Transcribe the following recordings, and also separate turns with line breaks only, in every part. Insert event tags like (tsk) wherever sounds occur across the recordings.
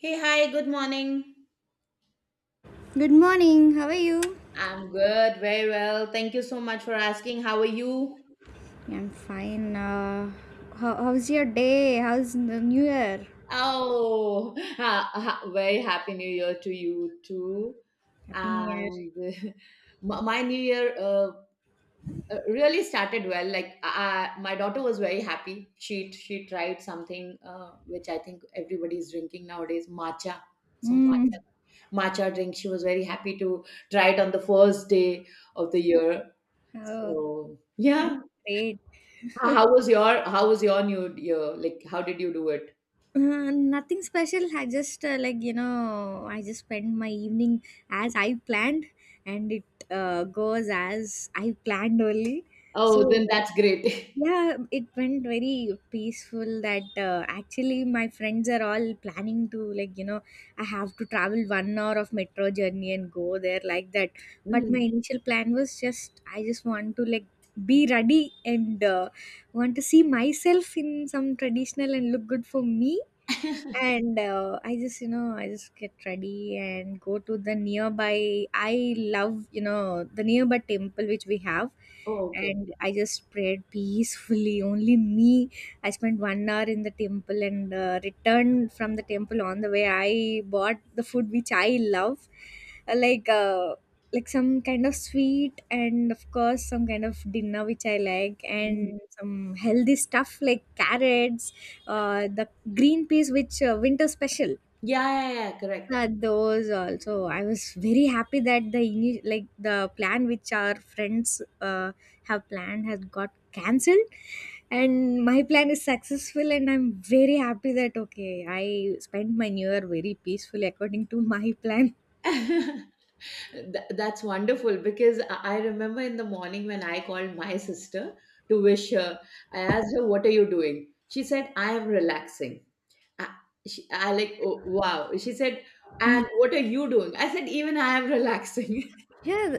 Hey, hi, good morning.
Good morning. How are you?
I'm good, very well. Thank you so much for asking. How are you?
Yeah, I'm fine. How's your day? How's the new year?
Oh, (laughs) very happy new year to you too.
Happy New Year.
And (laughs) my new year really started well. Like my daughter was very happy. She tried something which I think everybody is drinking nowadays, matcha. Some
Mm.
matcha, matcha drink. She was very happy to try it on the first day of the year.
Oh,
So
that's
yeah,
great.
how was your new year? Like how did you do it?
Nothing special. I just I just spend my evening as I planned, and it goes as I planned only. So
Oh, then that's great. (laughs)
yeah, it went very peaceful that actually my friends are all planning to I have to travel 1 hour of metro journey and go there like that. But my
Mhm.
initial plan was just I just want to like be ready and want to see myself in some traditional and look good for me,
(laughs)
and I just I just get ready and go to the nearby, I love the nearby temple which we have,
Oh, okay.
and I just prayed peacefully (laughs) only me. I spent 1 hour in the temple, and returned from the temple. On the way I bought the food which I love. Uh, like uh, like some kind of sweet, and of course some kind of dinner which I like,
Mhm.
and some healthy stuff like carrots, the green peas which winter special.
Yeah, yeah, yeah, correct.
Those also. I was very happy that like the plan which our friends have planned has got cancelled, and my plan is successful, and I'm very happy that okay, I spent my new year very peacefully according to my plan.
(laughs) That's wonderful because I remember in the morning when I called my sister to wish her. I asked her, "What are you doing?" She said, "I am relaxing." I, she, I like, oh, wow. She said,
Mm.
"And what are you doing?" I said, "Even I am (laughs) relaxing."
Yeah,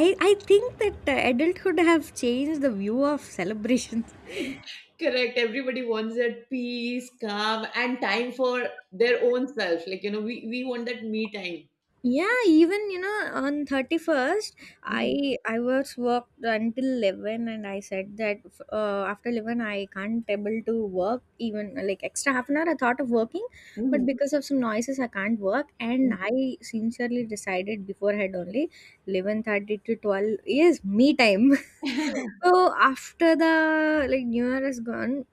i think that adulthood have changed the view of celebrations.
(laughs) Correct. Everybody wants that peace, calm, and time for their own self. Like, you know, we want that me time.
Yeah, even you know, on 31st,
Mhm.
I was worked until 11, and I said that after 11 I can't able to work. Even like extra half an hour I thought of working, but
Mhm.
because of some noises I can't work, and I sincerely decided beforehand only 11:30 to 12 is me time. (laughs) So after the like new year is gone,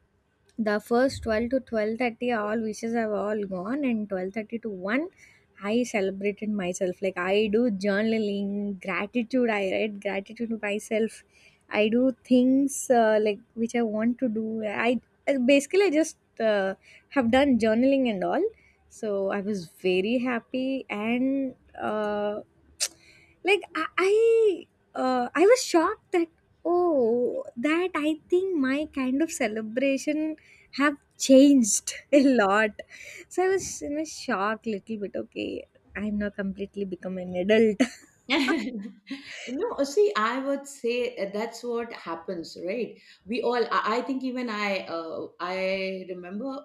the first 12 to 12:30 all wishes have all gone, and 12:30 to 1 I celebrated myself. Like, I do journaling, gratitude, I write gratitude to myself, I do things like which I want to do. i Basically I just uh, have done journaling and all. So I was very happy, and uh, (tsk) like i I, I was shocked that oh, that I think my kind of celebration have changed (laughs) a lot. So I was in a shock little bit. Okay, I'm now completely become an adult. (laughs)
(laughs) No, see, I would say that's what happens, right? We all, I think, even I remember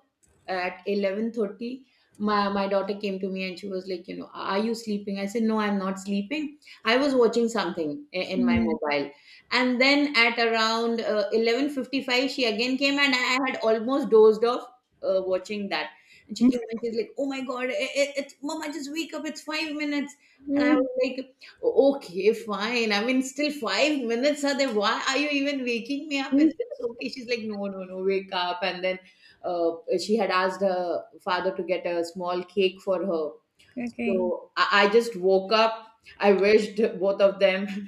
at 11:30, my daughter came to me and she was like, you know, are you sleeping? I said, no, I'm not sleeping. I was watching something in my
Mm.
mobile. And then at around 11:55, she again came and I had almost dozed off watching that. And she came and she's like, oh my God, mom, I just wake up. It's 5 minutes. And I
Mm.
was like, okay, fine. I mean, still 5 minutes are there. Why are you even waking me up?
Mm.
It's okay. She's like, no, no, no, wake up. And then uh, she had asked her father to get a small cake for her,
Okay.
so I just woke up. I wished both of them. (laughs)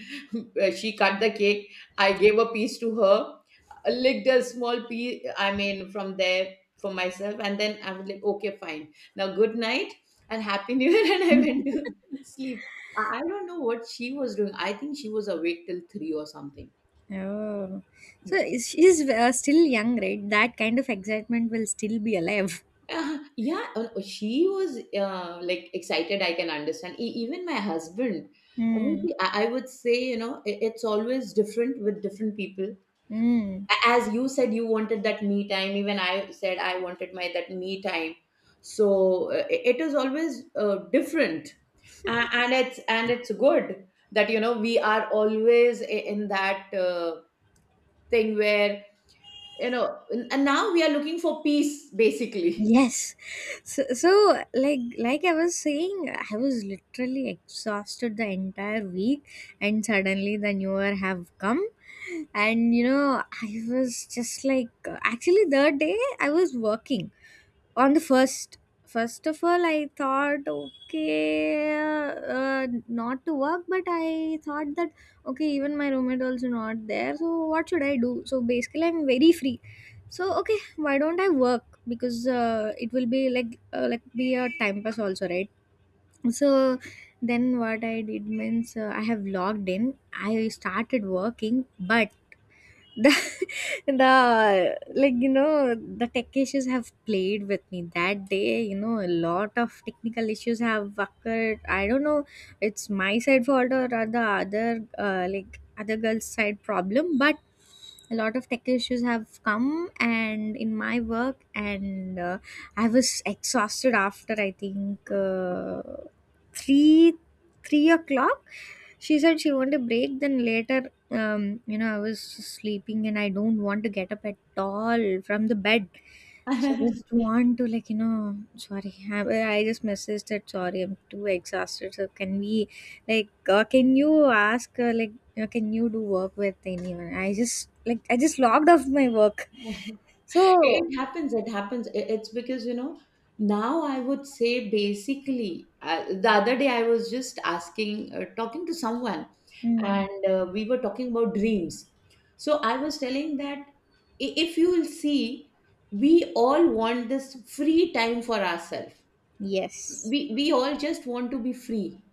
She cut the cake. I gave a piece to her, licked a small piece, I mean, from there for myself. And then I was like, okay, fine. Now, good night and Happy New Year. (laughs) And I went to sleep. I don't know what she was doing. I think she was awake till three or something.
Oh, so she's still young, right? That kind of excitement will still be alive.
Yeah, she was like excited. I can understand. Even my husband. I mean,
Mm.
see, I would say, you know, it's always different with different people.
Mm.
As you said, you wanted that me time. Even I said I wanted my that me time. So it is always different. And it's good that, you know, we are always in that thing where, you know, and now we are looking for peace basically.
Yes. So, like I was saying, I was literally exhausted the entire week, and suddenly the new year have come. And you know, I was just like, actually the day I was working, on the first first of all I thought okay, not to work. But I thought that okay, even my roommate also not there, so what should I do? So basically I'm very free, so okay, why don't I work, because it will be like be a time pass also, right? So then what I did means, I have logged in, I started working. But (laughs) the the like you know the tech issues have played with me that day. You know, a lot of technical issues have occurred. I don't know it's my side fault or the other other girl's side problem, but a lot of tech issues have come and in my work. And I was exhausted after I think 3 3 o'clock. She said she wanted a break. Then later, I was sleeping and I don't want to get up at all from the bed. So I
(laughs)
just want to like, sorry I just messaged that, sorry I'm too exhausted, so can we like can you ask yeah, can you do work with anyone? I just like I just logged off my work.
It
So
it happens. It happens. It's because, you know, now I would say basically, the other day I was just talking to someone,
mm,
and we were talking about dreams. So I was telling that, if you will see, we all want this free time for ourselves.
yes.
We all just want to be free.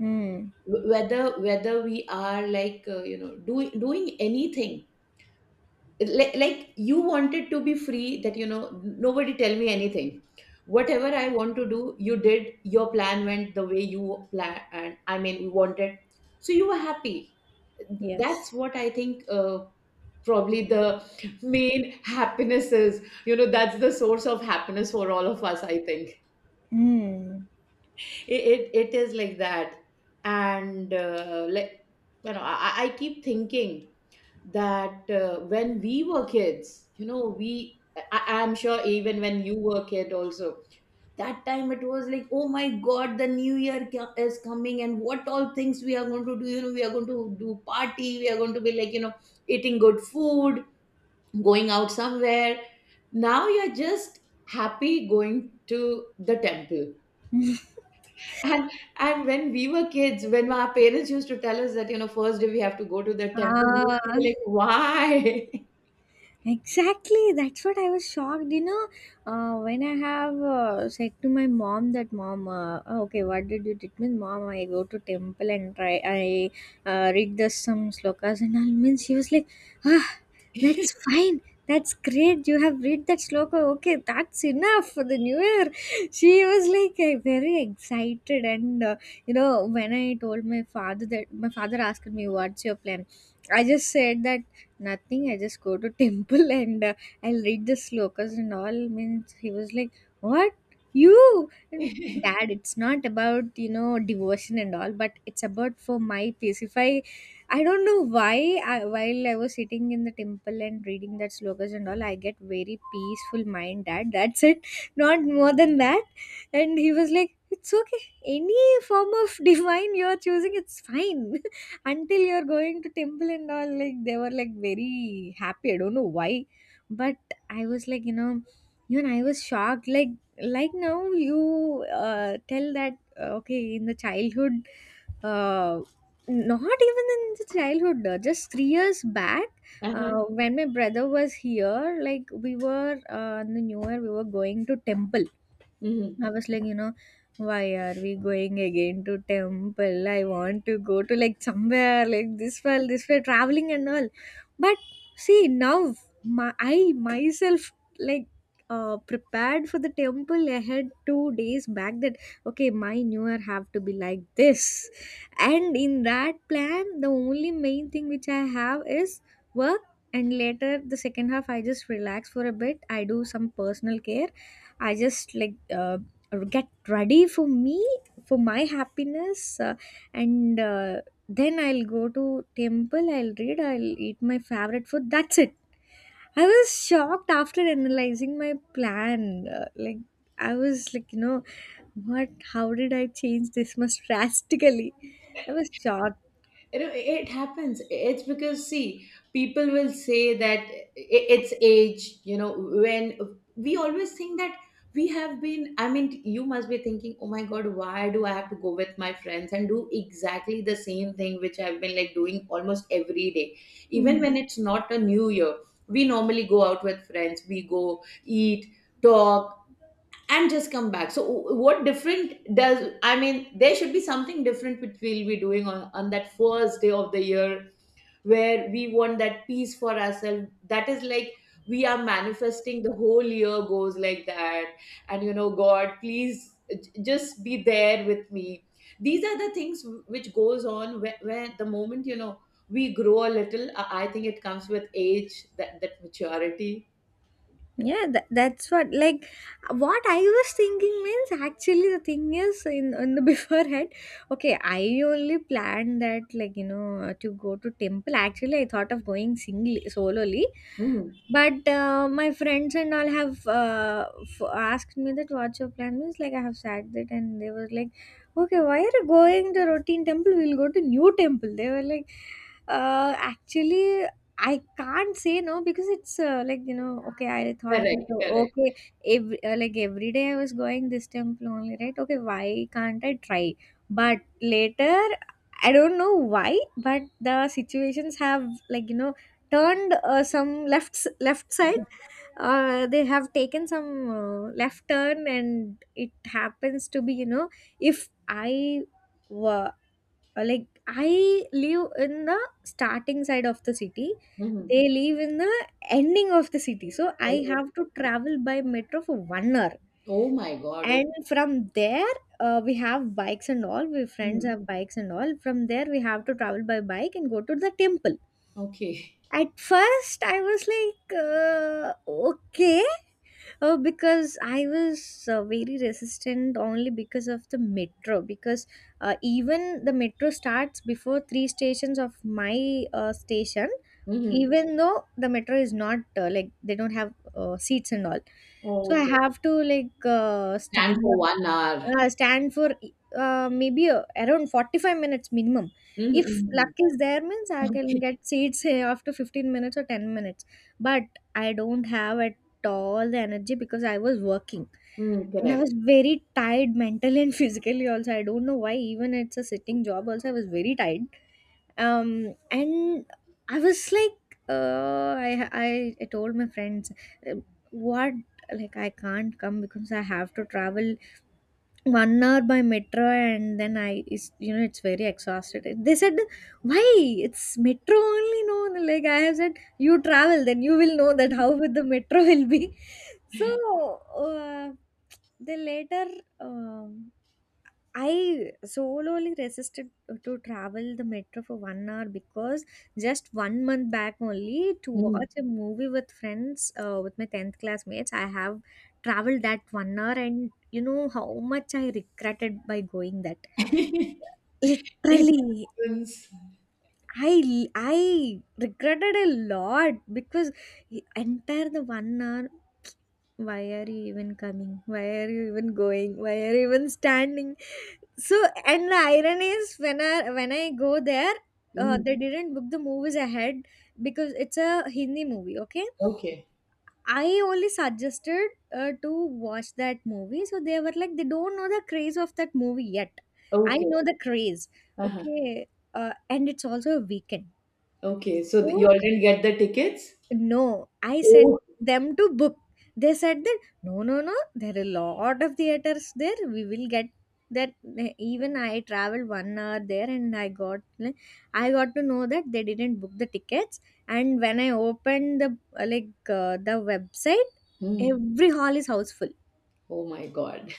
Mm,
Whether we are like doing anything, like you wanted to be free, that, nobody tell me anything, whatever I want to do. You did your plan, went the way you plan, and I mean, you wanted, so you were happy.
yes.
That's what I think, probably the main happiness is, that's the source of happiness for all of us, I think.
Mm.
It is like that. And like, I keep thinking that when we were kids, you know, we, I'm sure even when you were kid also, that time it was like, oh my God, the new year is coming and what all things we are going to do. You know, we are going to do party, we are going to be like, you know, eating good food, going out somewhere. Now you're just happy going to the temple.
(laughs)
And and when we were kids, when our parents used to tell us that, you know, first day we have to go to the temple, we used to
Ah,
be like,
exactly, that's what I was shocked. You know, when I have said to my mom that mom, oh, okay, what did you did mean, mom? I go to temple and try I read the some slokas and all. Means she was like, ah, that's fine, that's great. You have read that sloka. Okay, that's enough for the new year. (laughs) She was like very excited, and you know, when I told my father that, my father asked me, what's your plan? I just said that, nothing, I just go to temple (laughs) and I'll read the slokas and all. Means he was like, what? You? And
why? (laughs)
dad, it's not about, you know, devotion and all, but it's about for my peace. If I, I don't know why, while I was sitting in the temple and reading that slokas and all, I get very peaceful mind, dad. (laughs) That's it. Not more than that. And he was like, it's okay. Any form of (laughs) divine you're choosing, it's fine, until you're going to temple and all, like they were like very happy. I don't know why. But I was like, you know, even I was shocked. Like now you tell that okay, in the childhood, uh, not even in the childhood just 3 years back,
Uh-huh.
when my brother was here, like we were in the new year we were going to temple.
Mhm.
I was like, you know, why are we going again to temple? I want to go to like somewhere like this far, this way, traveling and all. But see now, my, I myself like prepared for the temple ahead 2 days back. That okay, my new year have to be like this, and in that plan, the only main thing which I have is work. And later, the second half, I just relax for a bit. I do some personal care. I just like get ready for me, for my happiness, and then I'll go to temple, I'll read, I'll eat my favorite food, that's it. I was shocked after analyzing my plan. I was like, you know, what, how did I change this much (laughs) drastically? I was shocked.
You know, it happens. It's because, see, people will say that it's age, you know, when we always think that we have been, I mean, you must be thinking, oh my God, why do I have to go with my friends and do exactly the same thing which I've been like doing almost every day? Even
Hmm.
when it's not a new year, we normally go out with friends, we go eat, talk, and just come back. So what different does, I mean, there should be something different which we'll be doing on that first day of the year, where we want that peace for ourselves, that is like we are manifesting the whole year goes like that. And, you know, god please just be there with me. These are the things which goes on, where the moment, you know, we grow a little, I think it comes with age, that that maturity.
Yeah, that's what like what I was thinking means. Actually the thing is in the (laughs) beforehand, okay, I only planned that, like you know, to go to temple. Actually I thought of going singly, solely.
Mhm.
But my friends and all have asked me that what's your plan means, like I have said that, and they were like okay, why are you going to routine temple, we'll go to new temple. They were like actually, I can't say no, because it's like you know, okay, I thought
Correct,
that, oh,
correct.
okay, every, like every day I was going this temple only, right? Okay, why can't I try? But later I don't know why, but the situations have like you know turned some left side, they have taken some left turn, and it happens to be, you know, if I like I live in the starting side of the city.
Mhm.
They live in the ending of the city. So I have to travel by metro for 1 hour.
Oh my God. Oh,
And from there, we have bikes and all. We friends
mm,
have bikes and all. From there, we have to travel by bike and go to the temple.
okay.
At first, I was like, okay. Oh, because I was very resistant only because of the metro. Because even the metro starts before three stations of my station,
Hmm.
even though the metro is not like, they don't have seats and all. So
Oh,
I
okay.
have to like
Stand for 1 hour.
stand for maybe around 45 minutes minimum. If
Mm-hmm.
luck is there means, I can
Okay.
get seats here after 15 minutes or 10 minutes. But I don't have at all the energy, because I was working,
Mm,
and I
correct.
was very tired mentally and (laughs) physically also. I don't know why, even it's a sitting job also I was very tired. And I was like I told my friends uh, what like I can't come because I have to travel 1 hour by metro, and then I is you know, it's very exhausted. They said, "Why? It's metro only, no?" Like I have said, you travel, then you will know that how with the metro will be. (laughs) So uh, they later um, I solely resisted to travel the metro for 1 hour, because just 1 month back only, to
Hmm.
watch a movie with friends, with my 10th classmates, I have traveled that 1 hour, and you know how much I regretted by going that.
(laughs) It
Literally,
happens.
I regretted a lot because entire the 1 hour, why are you even coming? Why are you even going? Why are you even standing? So, and the irony is when I go there,
Mhm.
they didn't book the movies ahead because it's a Hindi movie. Okay,
Okay.
I only suggested to watch that movie, so they were like they don't know the craze of that movie yet. I
Okay.
know the craze.
Uh-huh.
Okay, and it's also a weekend.
Okay. So
So
you all didn't get the tickets?
no, I said
Oh.
them to book. They said that no, no, no. There are a lot of theaters there. We will get that. Even I traveled 1 hour there, and I got to know that they didn't book the tickets. And when I opened the like the website,
Mm.
every hall is houseful.
Oh my God.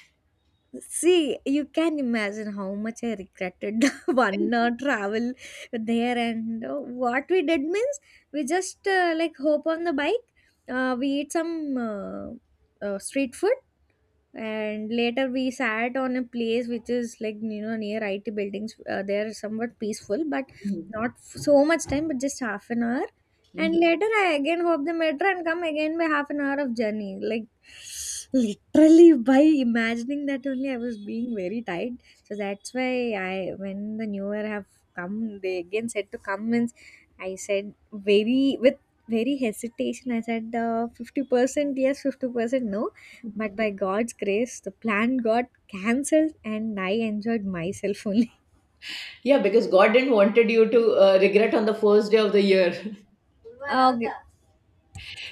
See, you can imagine how much I regretted (laughs) the one
(laughs)
hour travel there, and what we did means we just like hop on the bike. We eat some street food, and later we sat on a place which is like you know near IT buildings, they are somewhat peaceful but
Mhm.
not f- so much time, but just half an hour, and
Mhm.
later I again hop the metro and come again by half an hour of journey, like literally by imagining that only I was being very tired, so that's why I, when the new year have come, they again said to come means I said very with very hesitation, I said 50% yes 50% no, but by God's grace, the plan got cancelled and I enjoyed myself only. (laughs)
Yeah, because God didn't wanted you to regret on the first day of the year.
Okay.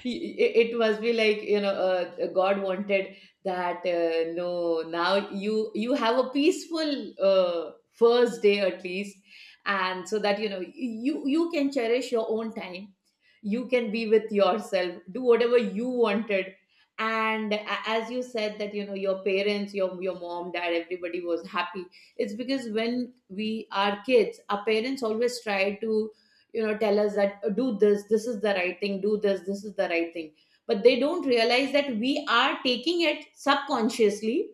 It must be like, you know, god wanted that, no, now you have a peaceful first day at least, and so that, you can cherish your own time, you can be with yourself, do whatever you wanted. And as you said that, your parents, your mom, dad, everybody was happy. It's because when we are kids, our parents always try to, tell us that, "Oh, do this, this is the right thing. Do this, this is the right thing." But they don't realize that we are taking it subconsciously.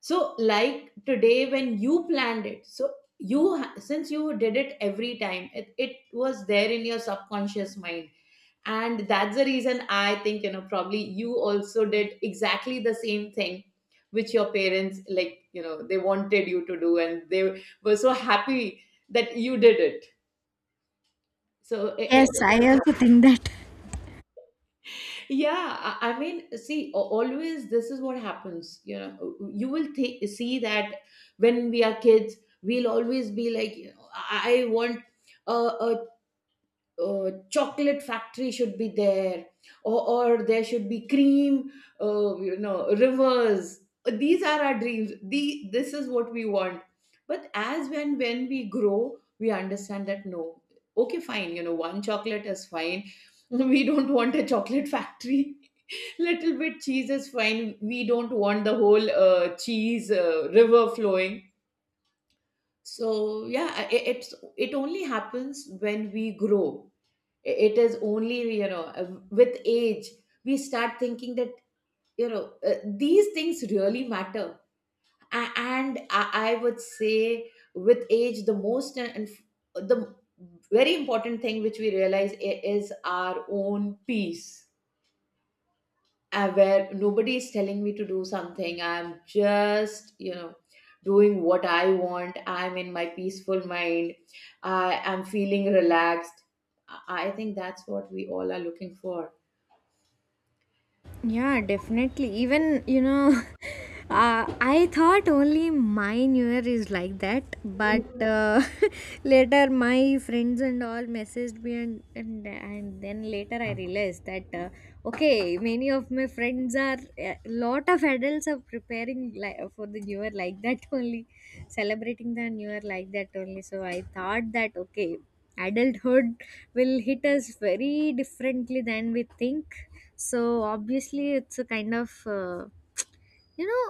So like today when you planned it, so since you did it every time, it was there in your subconscious mind. And that's the reason I think, probably you also did exactly the same thing which your parents, like, they wanted you to do, and they were so happy that you did it. So
Yes, I also think that.
yeah. I mean, see, always this is what happens. You know, you will see that when we are kids, we'll always be like, you know, I want a, a chocolate factory should be there, or, or there should be cream, rivers. These are our dreams, this is what we want. But as when we grow, we understand that, no, okay, fine, one chocolate is fine. (laughs) We don't want a chocolate factory. (laughs) Little bit cheese is fine, we don't want the whole cheese river flowing. So yeah, it only happens when we grow. It is only, with age, we start thinking that, these things really matter. And I would say, with age, the most and the very important thing which we realize is our own peace, where nobody is telling me to do something. I'm just, doing what I want. I'm in my peaceful mind, I am feeling relaxed. I think that's what we all are looking for.
Yeah, definitely. Even, you know, (laughs) I thought only my new year is like that, but (laughs) later my friends and all messaged me, and then later I realized that, okay, many of a lot of adults are preparing for the new year like that (laughs) only, celebrating the new year like that only. So I thought that, okay, adulthood will hit us very differently than we think, so obviously, it's a kind of you know,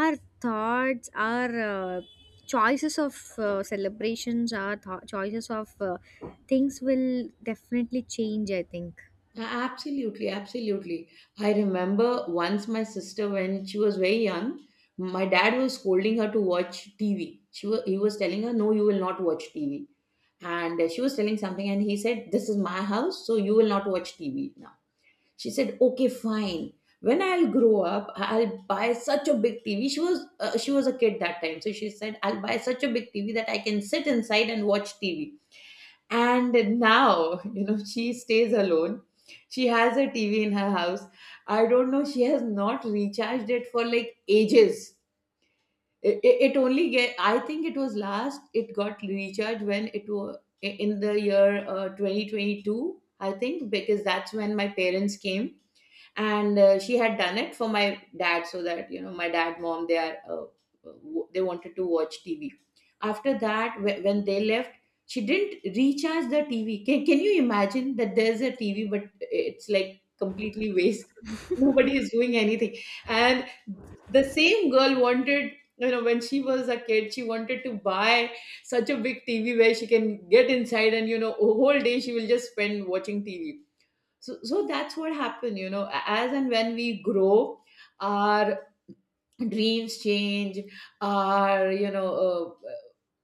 our thoughts, our choices of celebrations, our choices of things will definitely change, I think.
Absolutely, absolutely. I remember once my sister, when she was very young, my dad was scolding her to watch TV. He was telling her, "No, you will not watch TV." And she was telling something, and he said, "This is my house, so you will not watch TV now." She said, "Okay, fine. When I'll grow up, I'll buy such a big TV." She was a kid that time, so she said, "I'll buy such a big TV that I can sit inside and watch TV." And now, you know, she stays alone. She has a TV in her house. I don't know, she has not recharged it for like ages. It only get, I think it was last it got recharged when it was in the year 2022, I think, because that's when my parents came. And she had done it for my dad so that, you know, my dad, mom, they are they wanted to watch TV. After that, when they left, she didn't recharge the TV. Can you imagine that? There's a TV but it's like completely waste. Nobody is doing anything. And the same girl wanted, you know, when she was a kid she wanted to buy such a big TV where she can get inside and, you know, a whole day she will just spend watching TV. So that's what happened. You know, as and when we grow, our dreams change. Our, you know, uh,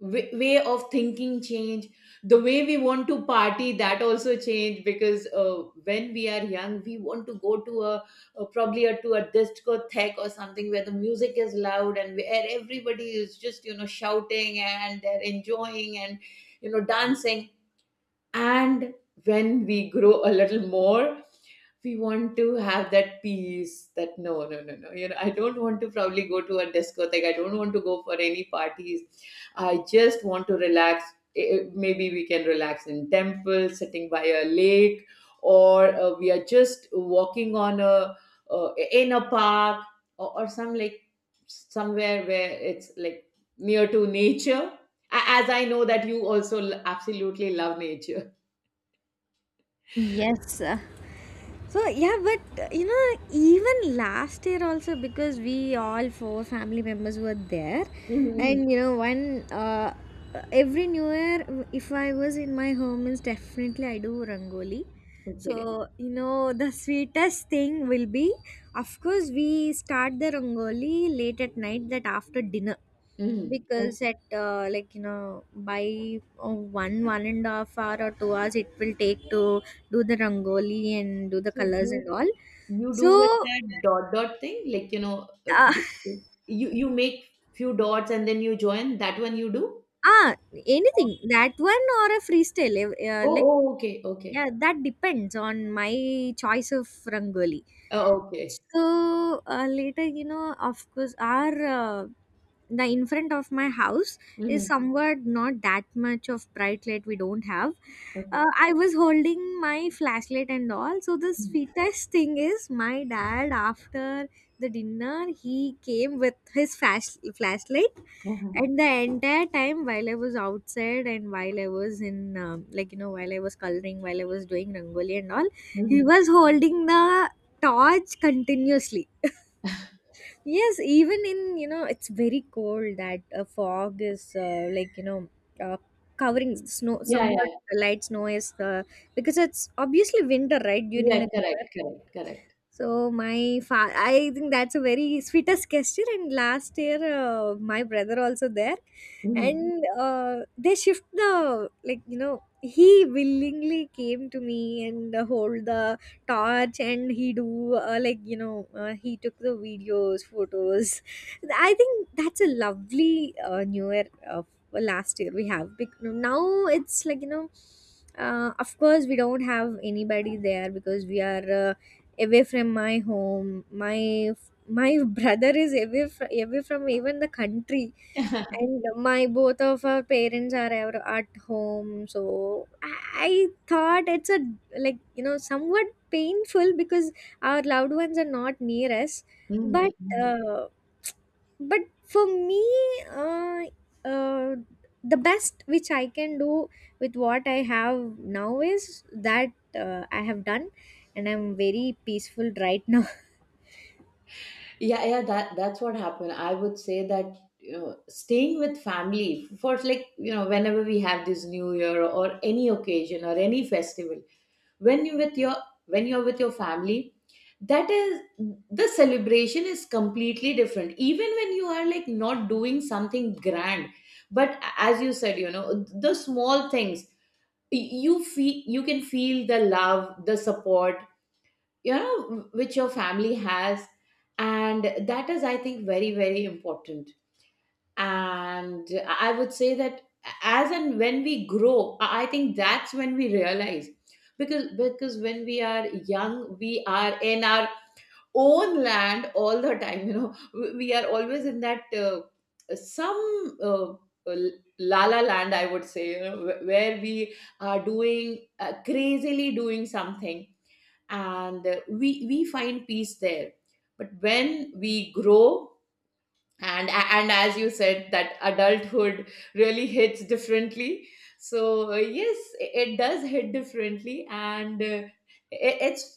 way of thinking change. The way we want to party, that also change. Because when we are young, we want to go to a probably a, to a discotheque or something where the music is loud and where everybody is just, you know, shouting and they're enjoying and, you know, dancing. And when we grow a little more, we want to have that peace. That no, no, no, no, you know, I don't want to probably go to a discotheque, I don't want to go for any parties. I just want to relax. Eh, maybe we can relax in temple sitting by a lake, or we are just walking on a in a park, or some like somewhere where it's like near to nature. As I know that you also absolutely love nature.
Yes. (laughs) So yeah, but you know, even last year also, because we all four family members were there,
Mhm.
and you know, one every New Year, if I was in my home, means definitely I do rangoli.
Okay.
So you know, the sweetest thing will be, of course, we start the rangoli late at night, that after dinner,
Mhm.
because
Okay.
at like you know, by one one and a half hour or 2 hours it will take to do the rangoli and do the
So
colors and
you
all.
you do
So
with that dot dot thing, like, you know,
uh, (laughs)
you make few dots and then you join. That one you do.
ah anything that one or a freestyle,
Oh,
like.
oh, okay, okay,
Yeah, that depends on my choice of rangoli.
oh, okay.
So later, you know, of course, our the in front of my house is
Mm-hmm.
somewhat not that much of bright light we don't have.
Okay.
I was holding my flashlight and all. So the
Mm-hmm.
sweetest thing is, my dad, after the dinner, he came with his flashlight,
Uh-huh.
and the entire time while I was outside, and while I was in like you know, while I was coloring, while I was doing rangoli and all, he
Hmm.
was holding the torch continuously. Yes, even in, you know, it's very cold, that a fog is like you know, uh, covering, snow
Yeah, yeah,
somewhat,
yeah.
light snow is because it's obviously winter, right, during
Yeah,
the new.
correct, correct, correct.
So I think that's a very sweetest gesture. And last year, my brother also there,
Mm-hmm.
and they shift the, like you know, he willingly came to me and hold the torch, and he do like you know, he took the videos, photos. I think that's a lovely new year. Last year we have. Now it's like you know, of course we don't have anybody there because we are away from my home, my (laughs) brother is away from even the country,
(laughs)
and my both of our parents are ever at home, so i I thought it's a, like you know, somewhat painful because our loved ones are not near us, but
Mm-hmm.
uh, but for me, uh, uh, the best which I can do with what I have now is that, I have done, and I'm very peaceful right now.
Yeah, yeah, that that's what happened. I would say that, you know, staying with family for, like, you know, whenever we have this New Year or any occasion or any festival, when you with your, when you're with your family, that is, the celebration is completely different, even when you are like not doing something grand. But as you said, you know, the small things, you feel, you can feel the love, the support, you know, which your family has. And that is, I think, very very important. And I would say that as and when we grow, I think that's when we realize. Because when we are young, we are in our own land all the time, you know, (laughs) we are always in that some uh, la la land, I would say, you know, where we are doing crazily doing something, and we find peace there. But when we grow, and as you said that adulthood really hits differently. So yes, it does hit differently. And it's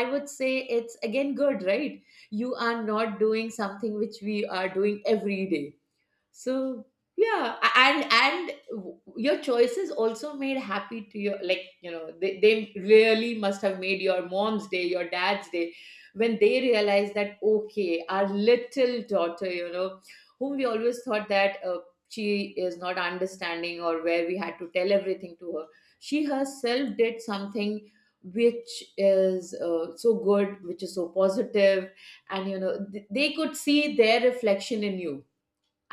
I would say it's again good, right? You are not doing something which we are doing every day. So yeah, and your choices also made happy to your, like, you know, they really must have made your mom's day, your dad's day, when they realized that, okay, our little daughter, you know, whom we always thought that she is not understanding, or where we had to tell everything to her, she herself did something which is so good, which is so positive. And you know, they could see their reflection in you.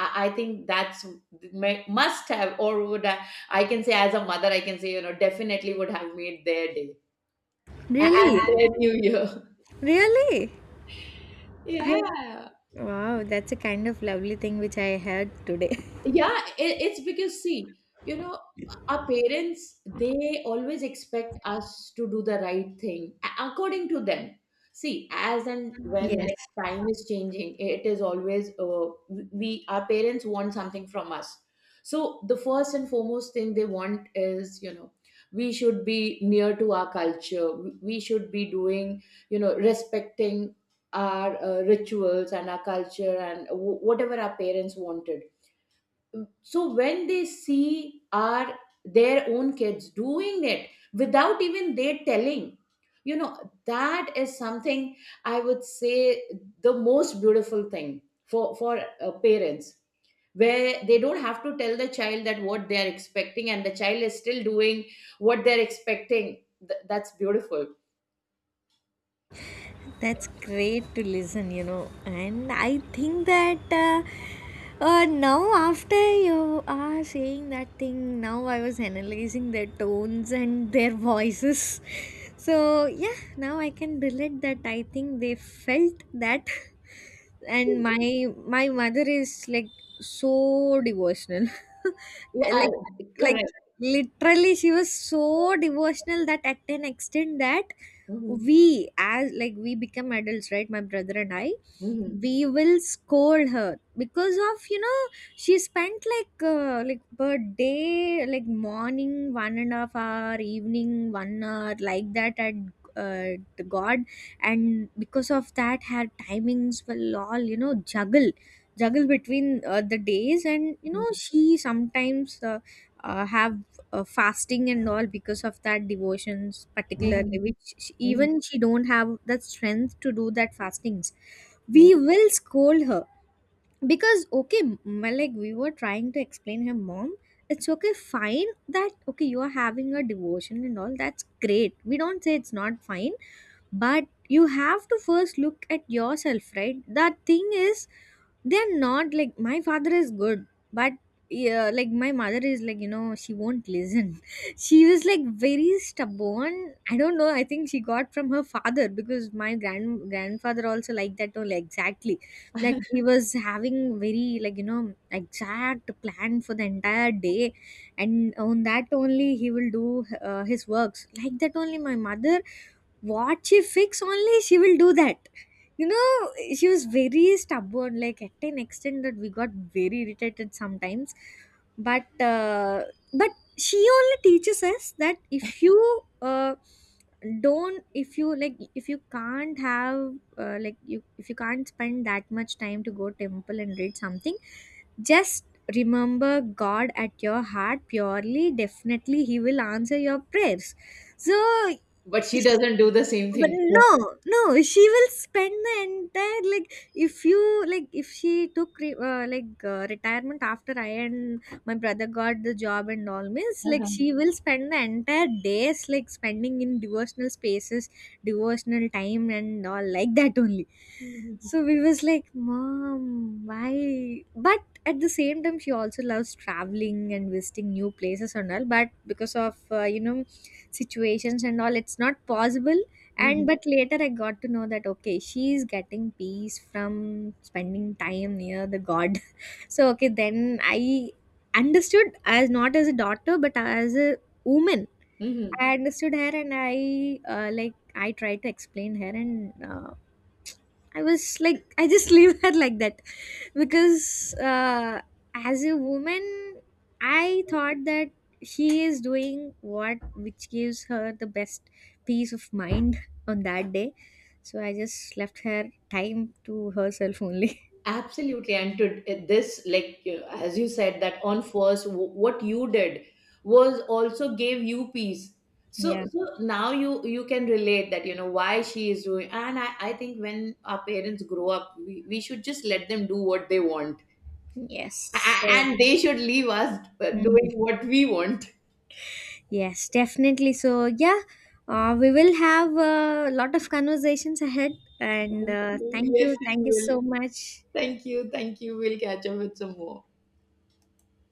I think that's must have, or would I can say, as a mother, I can say, you know, definitely would have made their day
(laughs) Really,
and their new year. (laughs)
really. I,
Yeah.
wow, that's a kind of lovely thing which I heard today.
Yeah, it's because see, you know, our parents, they always expect us to do the right thing according to them. See, as and
(laughs)
when,
Yes.
like, time is changing, it is always we, our parents want something from us. So the first and foremost thing they want is, you know, we should be near to our culture. We should be doing, you know, respecting our rituals and our culture, and whatever our parents wanted. So when they see our, their own kids doing it without even they telling, you know, that is something, I would say, the most beautiful thing for parents, where they don't have to tell the child that what they are expecting, and the child is still doing what they're expecting. That's beautiful.
That's great to listen, you know. And I think that, now, after you are saying that thing, now I was analyzing their tones and their voices. (laughs) So, yeah, now I can relate that I think they felt that. (laughs) And my mother is like so devotional. (laughs)
Yeah,
Like, like
correct.
literally she was so devotional that at an extent that,
Hmm.
we, as like we become adults, right, my brother and I,
Hmm.
we will scold her because of, you know, she spent like per day like morning 1.5 hour, evening 1 hour like that, at the god, and because of that her timings will all, you know, juggle between the days, and you know she sometimes have fasting and all because of that devotions
Hmm.
particularly, which she,
Hmm.
even she don't have the strength to do that fastings,
Yeah.
we will scold her because, okay, well, like we were trying to explain her, mom, it's okay fine that, okay, you are having a devotion and all, that's great, we don't say it's not fine, but you have to first look at yourself, right, that thing is, they're not like, my father is good, but yeah, like my mother is like, you know, she won't listen. (laughs) She was like very stubborn, I don't know, I think she got from her father, because my grandfather also like that only exactly, like he was having very, like you know, exact plan for the entire day, and on that only he will do his works, like that only my mother, what she fix only she will do that. You know, she was very stubborn, like at an extent that we got very irritated sometimes, but but she only teaches us that, if you uh, don't, if you like, if you can't have, like, you, if you can't spend that much time to go temple and read something, just remember god at your heart purely, definitely he will answer your prayers. So.
But she
(laughs)
doesn't do the same
But
thing
no,
herself.
no, she will spend the entire, like if you like, if she took like retirement after I and my brother got the job and all, means like
Uh-huh.
she will spend the entire days like spending in devotional spaces, devotional time and all, like that only. So
Mm-hmm.
we was like, mom, why, but at the same time she also loves traveling and visiting new places and all, but because of you know, situations and all, it's not possible. And
Mhm.
but later I got to know that, okay, she is getting peace from spending time near the god. (laughs) So okay, then I understood as not as a daughter but as a woman,
Mhm.
I understood her, and I, like, I tried to explain her, and I was like, I just (laughs) leave her like that, because as a woman, I thought that she is doing what which gives her the best peace of mind (laughs) on that day. So I just left her time to herself only. (laughs)
Absolutely. And to this, like, as you said, that on first, what you did was also gave you peace. So,
Yeah.
so now you can relate that, you know, why she is doing. And I think when our parents grow up, we should just let them do what they want.
Yes. So.
And they should leave us
Mhm.
doing what we want.
Yes, definitely. So yeah, we will have a lot of conversations ahead, and
Thank you. Yes, we
thank you
will.
so much.
Thank you, thank you. We'll catch up with some more.